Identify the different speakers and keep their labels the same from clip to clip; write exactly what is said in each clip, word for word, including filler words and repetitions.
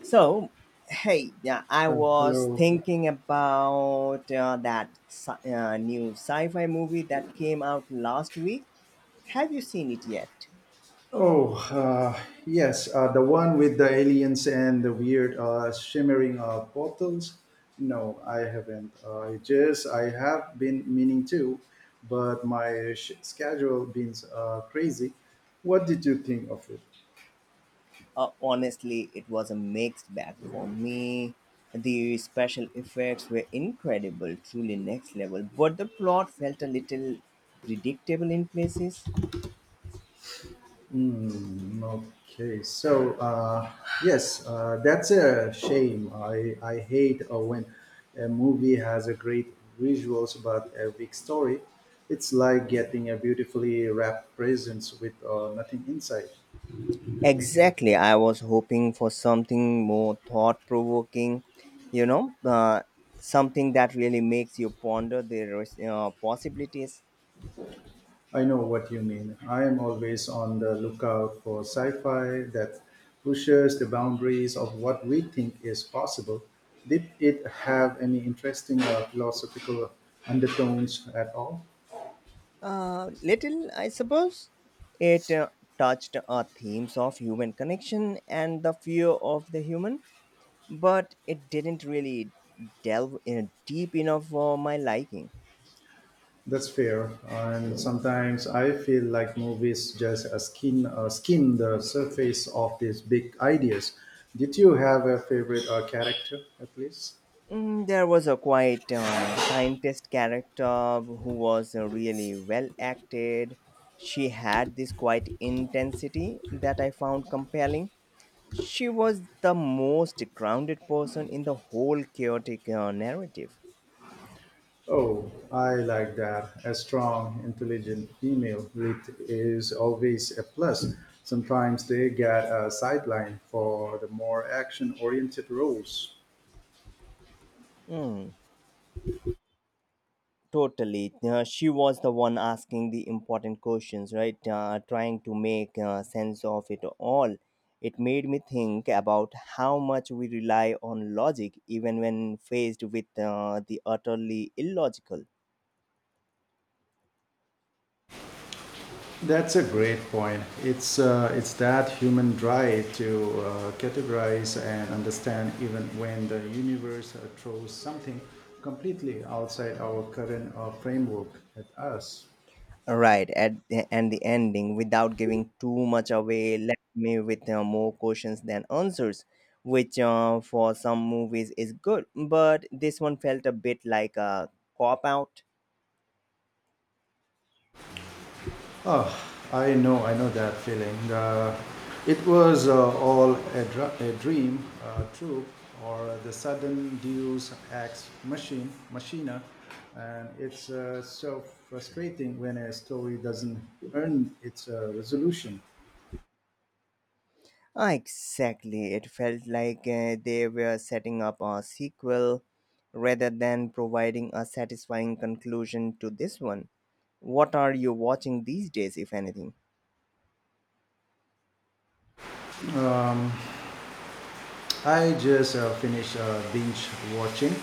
Speaker 1: So, hey, yeah, I
Speaker 2: Uh,
Speaker 1: was
Speaker 2: hello.
Speaker 1: thinking about uh, that sci- uh, new sci-fi movie that came out last week. Have you seen it yet?
Speaker 2: Oh, uh, yes, uh, the one with the aliens and the weird uh, shimmering uh, portals. No, I haven't. Uh, I just I have been meaning to, but my sh- schedule been uh, crazy. What did you think of it?
Speaker 1: Uh, honestly, it was a mixed bag for me. The special effects were incredible, truly next level, but the plot felt a little predictable in places.
Speaker 2: Mm, okay, so uh, yes, uh, that's a shame. I, I hate uh, when a movie has a great visuals but a weak story. It's like getting a beautifully wrapped presents with uh, nothing inside.
Speaker 1: Exactly. I was hoping for something more thought provoking, you know, uh, something that really makes you ponder the res- uh, possibilities.
Speaker 2: I know what you mean. I am always on the lookout for sci-fi that pushes the boundaries of what we think is possible. Did it have any interesting uh, philosophical undertones at all?
Speaker 1: Uh, little, I suppose. It uh, touched uh, themes of human connection and the fear of the human, but it didn't really delve in deep enough for my liking.
Speaker 2: That's fair. And sometimes I feel like movies just uh, skin uh, skim the surface of these big ideas. Did you have a favorite uh, character at least?
Speaker 1: Mm, there was a quite uh, scientist character who was uh, really well acted. She had this quite intensity that I found compelling. She was the most grounded person in the whole chaotic uh, narrative.
Speaker 2: Oh, I like that. A strong, intelligent female lead is always a plus. Sometimes they get a sideline for the more action-oriented roles.
Speaker 1: Mm. Totally. Uh, she was the one asking the important questions, right? Uh, trying to make uh, sense of it all. It made me think about how much we rely on logic even when faced with uh, the utterly illogical.
Speaker 2: That's a great point. It's uh, it's that human drive to uh, categorize and understand even when the universe uh, throws something completely outside our current uh, framework at us.
Speaker 1: Right, at And the ending, without giving too much away, left me with uh, more questions than answers, which uh, for some movies is good, but this one felt a bit like a cop out.
Speaker 2: Oh, I know, I know that feeling. Uh, it was uh, all a, dr- a dream, uh, true, or the sudden Deus ex machine, machina, and it's uh, so frustrating when a story doesn't earn its uh, resolution.
Speaker 1: Ah, exactly. It felt like uh, they were setting up a sequel rather than providing a satisfying conclusion to this one. What are you watching these days, if anything?
Speaker 2: I just uh, finished uh, binge watching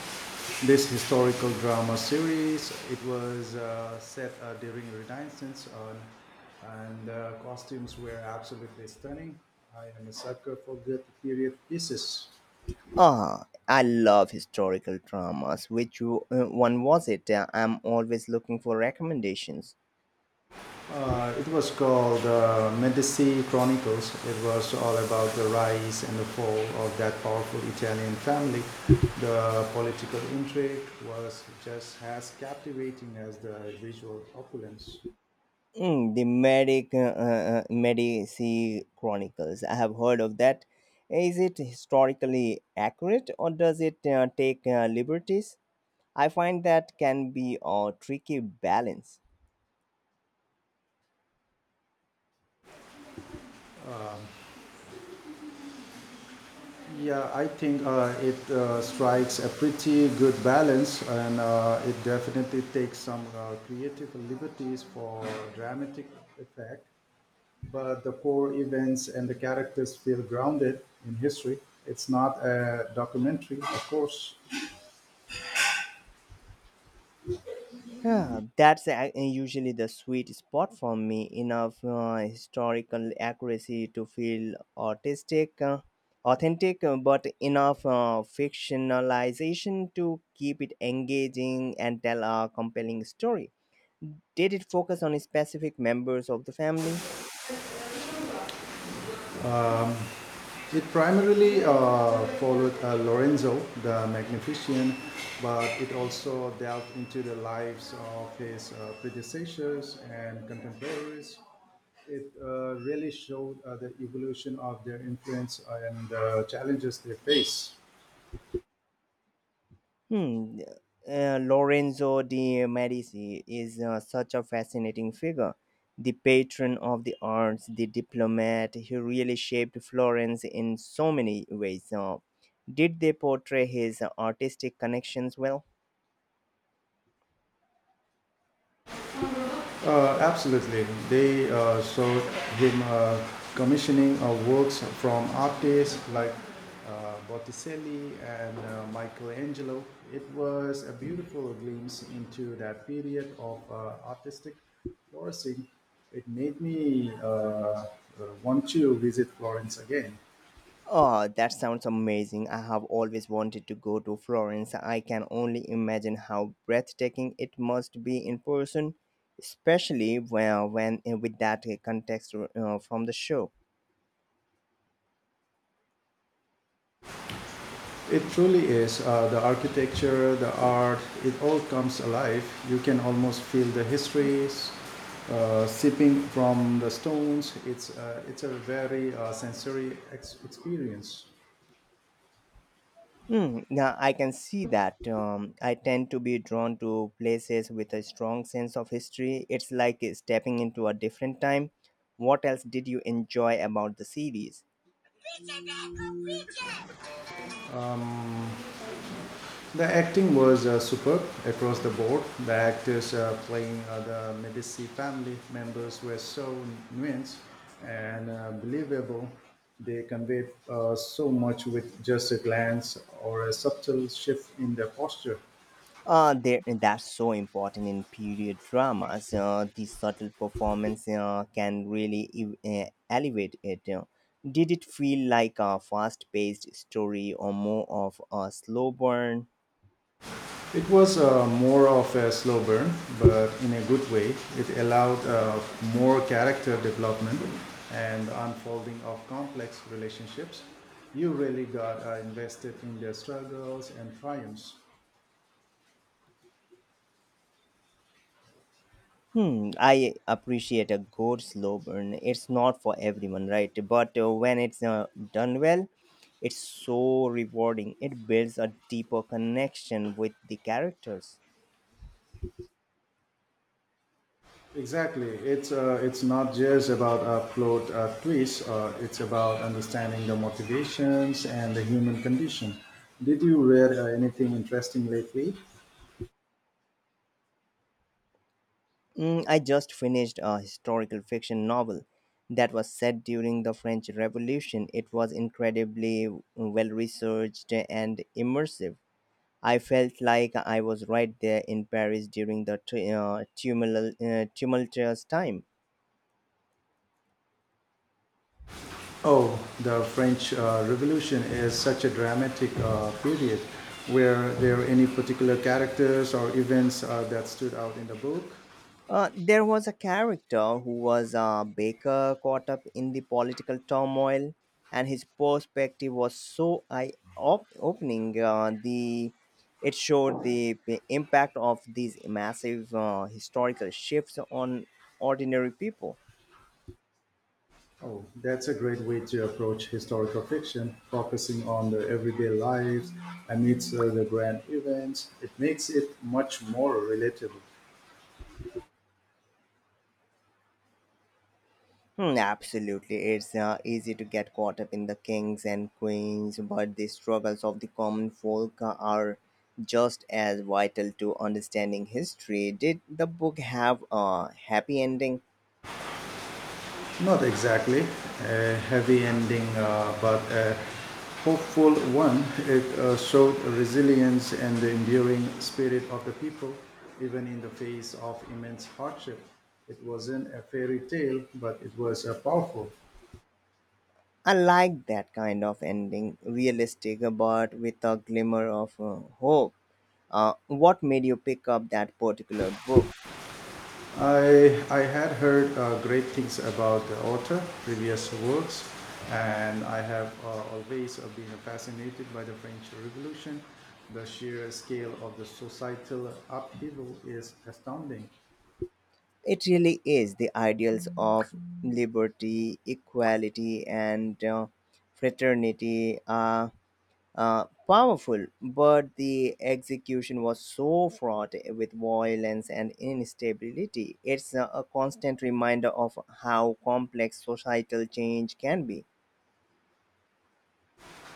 Speaker 2: this historical drama series. It was uh, set uh, during Renaissance, on, and the costumes were absolutely stunning. I am a sucker for good period pieces.
Speaker 1: Ah, I love historical dramas. Which w- uh, one was it? Uh, I'm always looking for recommendations.
Speaker 2: Uh, it was called uh, Medici Chronicles. It was all about the rise and the fall of that powerful Italian family. The political intrigue was just as captivating as the visual opulence.
Speaker 1: Mm, the Medic uh, uh, uh, Medici Chronicles. I have heard of that. Is it historically accurate or does it uh, take uh, liberties? I find that can be a tricky balance.
Speaker 2: Yeah, I think uh, it uh, strikes a pretty good balance, and uh, it definitely takes some uh, creative liberties for dramatic effect. But the core events and the characters feel grounded in history. It's not a documentary, of course.
Speaker 1: Yeah, that's a- usually the sweet spot for me. Enough uh, historical accuracy to feel artistic, uh, authentic, uh, but enough uh, fictionalization to keep it engaging and tell a compelling story. Did it focus on specific members of the family?
Speaker 2: It primarily uh, followed uh, Lorenzo the Magnificent, but it also delved into the lives of his uh, predecessors and contemporaries. It uh, really showed uh, the evolution of their influence and the challenges they face.
Speaker 1: Hmm. Uh, Lorenzo de Medici is uh, such a fascinating figure. The patron of the arts, the diplomat, he really shaped Florence in so many ways. Uh, did they portray his artistic connections well?
Speaker 2: Uh, absolutely. They uh, showed him uh, commissioning of works from artists like uh, Botticelli and uh, Michelangelo. It was a beautiful glimpse into that period of uh, artistic flourishing. It made me uh, uh, want to visit Florence again.
Speaker 1: Oh, that sounds amazing. I have always wanted to go to Florence. I can only imagine how breathtaking it must be in person, especially when, when uh, with that uh, context uh, from the show.
Speaker 2: It truly is. Uh, the architecture, the art, it all comes alive. You can almost feel the histories uh, seeping from the stones. It's, uh, it's a very uh, sensory ex- experience.
Speaker 1: Hmm, yeah, I can see that. Um, I tend to be drawn to places with a strong sense of history. It's like eh, stepping into a different time. What else did you enjoy about the series?
Speaker 2: Um, The acting was uh, superb across the board. The actors uh, playing uh, the Medici family members were so nuanced and uh, believable. They conveyed uh, so much with just a glance or a subtle shift in their posture.
Speaker 1: Uh, there, eh, that's so important in period dramas. Uh, the subtle performance uh, can really ev- uh, elevate it. uh. Did it feel like a fast paced story or more of a slow burn?
Speaker 2: It was uh, more of a slow burn, but in a good way. It allowed uh, more character development and unfolding of complex relationships. You really got uh, invested in their struggles and triumphs.
Speaker 1: Hmm, I appreciate a good slow burn. It's not for everyone, right? But uh, when it's uh, done well, it's so rewarding. It builds a deeper connection with the characters.
Speaker 2: Exactly. It's uh, it's not just about a plot uh, twist. Uh, it's about understanding the motivations and the human condition. Did you read uh, anything interesting lately?
Speaker 1: Mm, I just finished a historical fiction novel that was set during the French Revolution. It was incredibly well researched and immersive. I felt like I was right there in Paris during the tu- uh, tumulal- uh, tumultuous time.
Speaker 2: Oh, the French uh, Revolution is such a dramatic uh, period. Were there any particular characters or events uh, that stood out in the book?
Speaker 1: Uh, there was a character who was a baker caught up in the political turmoil, and his perspective was so eye op- opening. Uh, the it showed the p- impact of these massive uh, historical shifts on ordinary people.
Speaker 2: Oh, that's a great way to approach historical fiction, focusing on the everyday lives amidst uh, the grand events. It makes it much more relatable.
Speaker 1: Hmm, absolutely. It's uh, easy to get caught up in the kings and queens, but the struggles of the common folk uh, are just as vital to understanding history. Did the book have a happy ending?
Speaker 2: Not exactly a heavy ending, uh, but a hopeful one. It uh, showed resilience and the enduring spirit of the people, even in the face of immense hardship. It wasn't a fairy tale, but it was uh, powerful.
Speaker 1: I like that kind of ending, realistic but with a glimmer of uh, hope. Uh, what made you pick up that particular book?
Speaker 2: I, I had heard uh, great things about the author, previous works, and I have uh, always uh, been fascinated by the French Revolution. The sheer scale of the societal upheaval is astounding.
Speaker 1: It really is the ideals of liberty, equality, and uh, fraternity. Uh, uh, powerful, but the execution was so fraught with violence and instability. It's a, a constant reminder of how complex societal change can be.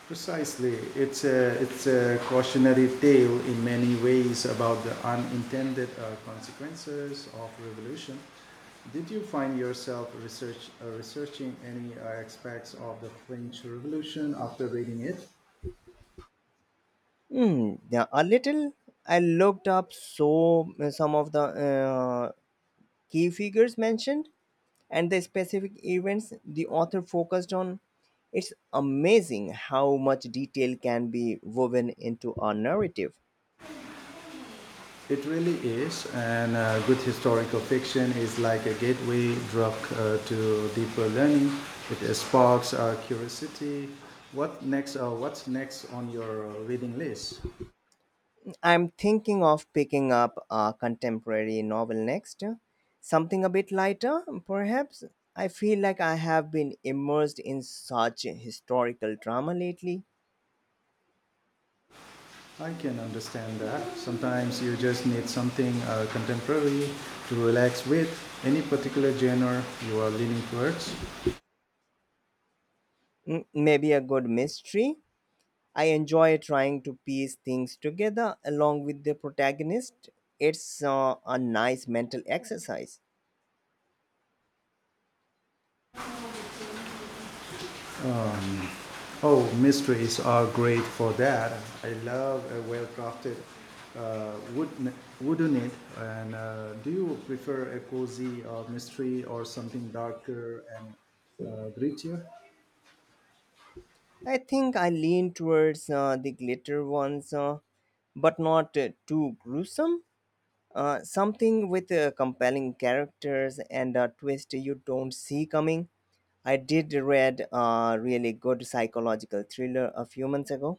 Speaker 2: Precisely, it's a, it's a cautionary tale in many ways about the unintended uh, consequences of revolution. Did you find yourself research, uh, researching any uh, aspects of the French Revolution after reading it?
Speaker 1: Hmm, yeah, a little. I looked up so uh, some of the uh, key figures mentioned and the specific events the author focused on. It's amazing how much detail can be woven into a narrative.
Speaker 2: It really is, and uh, good historical fiction is like a gateway drug uh, to deeper learning. It sparks our curiosity. What next? Uh, what's next on your uh, reading list?
Speaker 1: I'm thinking of picking up a contemporary novel next, something a bit lighter, perhaps. I feel like I have been immersed in such historical drama lately.
Speaker 2: I can understand that. Sometimes you just need something uh, contemporary to relax with. Any particular genre you are leaning towards?
Speaker 1: M- Maybe a good mystery. I enjoy trying to piece things together along with the protagonist. It's uh, a nice mental exercise.
Speaker 2: Oh, mysteries are great for that. I love a well-crafted uh, wood, wooden it. And uh, do you prefer a cozy uh, mystery or something darker and uh, grittier?
Speaker 1: I think I lean towards uh, the glitter ones, uh, but not uh, too gruesome. Uh, something with uh, compelling characters and a twist you don't see coming. I did read a really good psychological thriller a few months ago.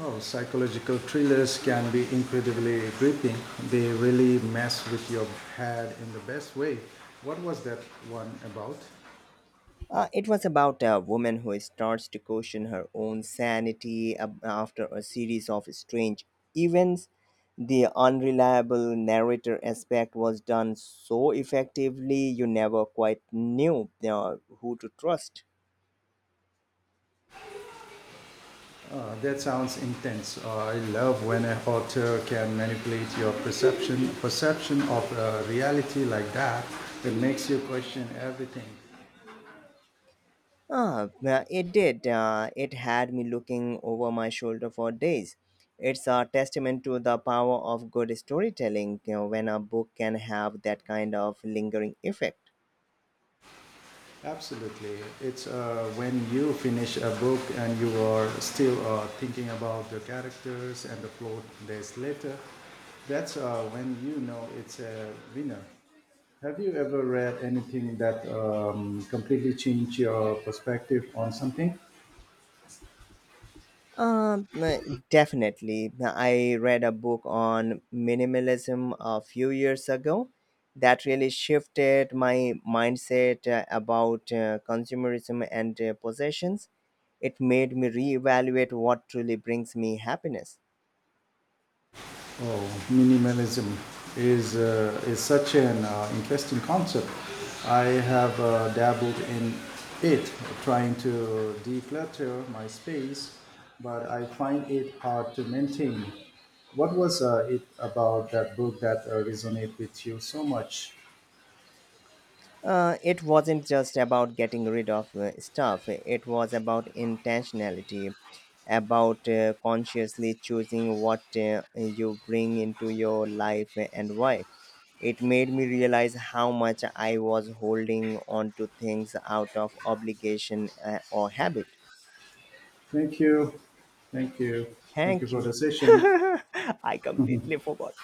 Speaker 2: Oh, psychological thrillers can be incredibly gripping. They really mess with your head in the best way. What was that one about?
Speaker 1: Uh, it was about a woman who starts to question her own sanity ab- after a series of strange events. The unreliable narrator aspect was done so effectively, you never quite knew uh, who to trust.
Speaker 2: That sounds intense. Uh, I love when an author can manipulate your perception perception of uh, reality like that. It makes you question everything.
Speaker 1: Ah, well, it did. Uh, it had me looking over my shoulder for days. It's a testament to the power of good storytelling you know, when a book can have that kind of lingering effect.
Speaker 2: Absolutely. It's uh, when you finish a book and you are still uh, thinking about the characters and the plot days later. That's uh, when you know it's a winner. Have you ever read anything that um, completely changed your perspective on something?
Speaker 1: Um, uh, definitely. I read a book on minimalism a few years ago that really shifted my mindset uh, about uh, consumerism and uh, possessions. It made me reevaluate what truly brings me happiness.
Speaker 2: Oh, minimalism is, uh, is such an uh, interesting concept. I have uh, dabbled in it, trying to declutter my space, but I find it hard to maintain. What was uh, it about that book that uh, resonated with you so much?
Speaker 1: Uh, it wasn't just about getting rid of uh, stuff, it was about intentionality, about uh, consciously choosing what uh, you bring into your life and why. It made me realize how much I was holding on to things out of obligation uh, or habit.
Speaker 2: Thank you. Thank you. Thank you
Speaker 1: Thank
Speaker 2: for
Speaker 1: you.
Speaker 2: the session.
Speaker 1: I completely forgot.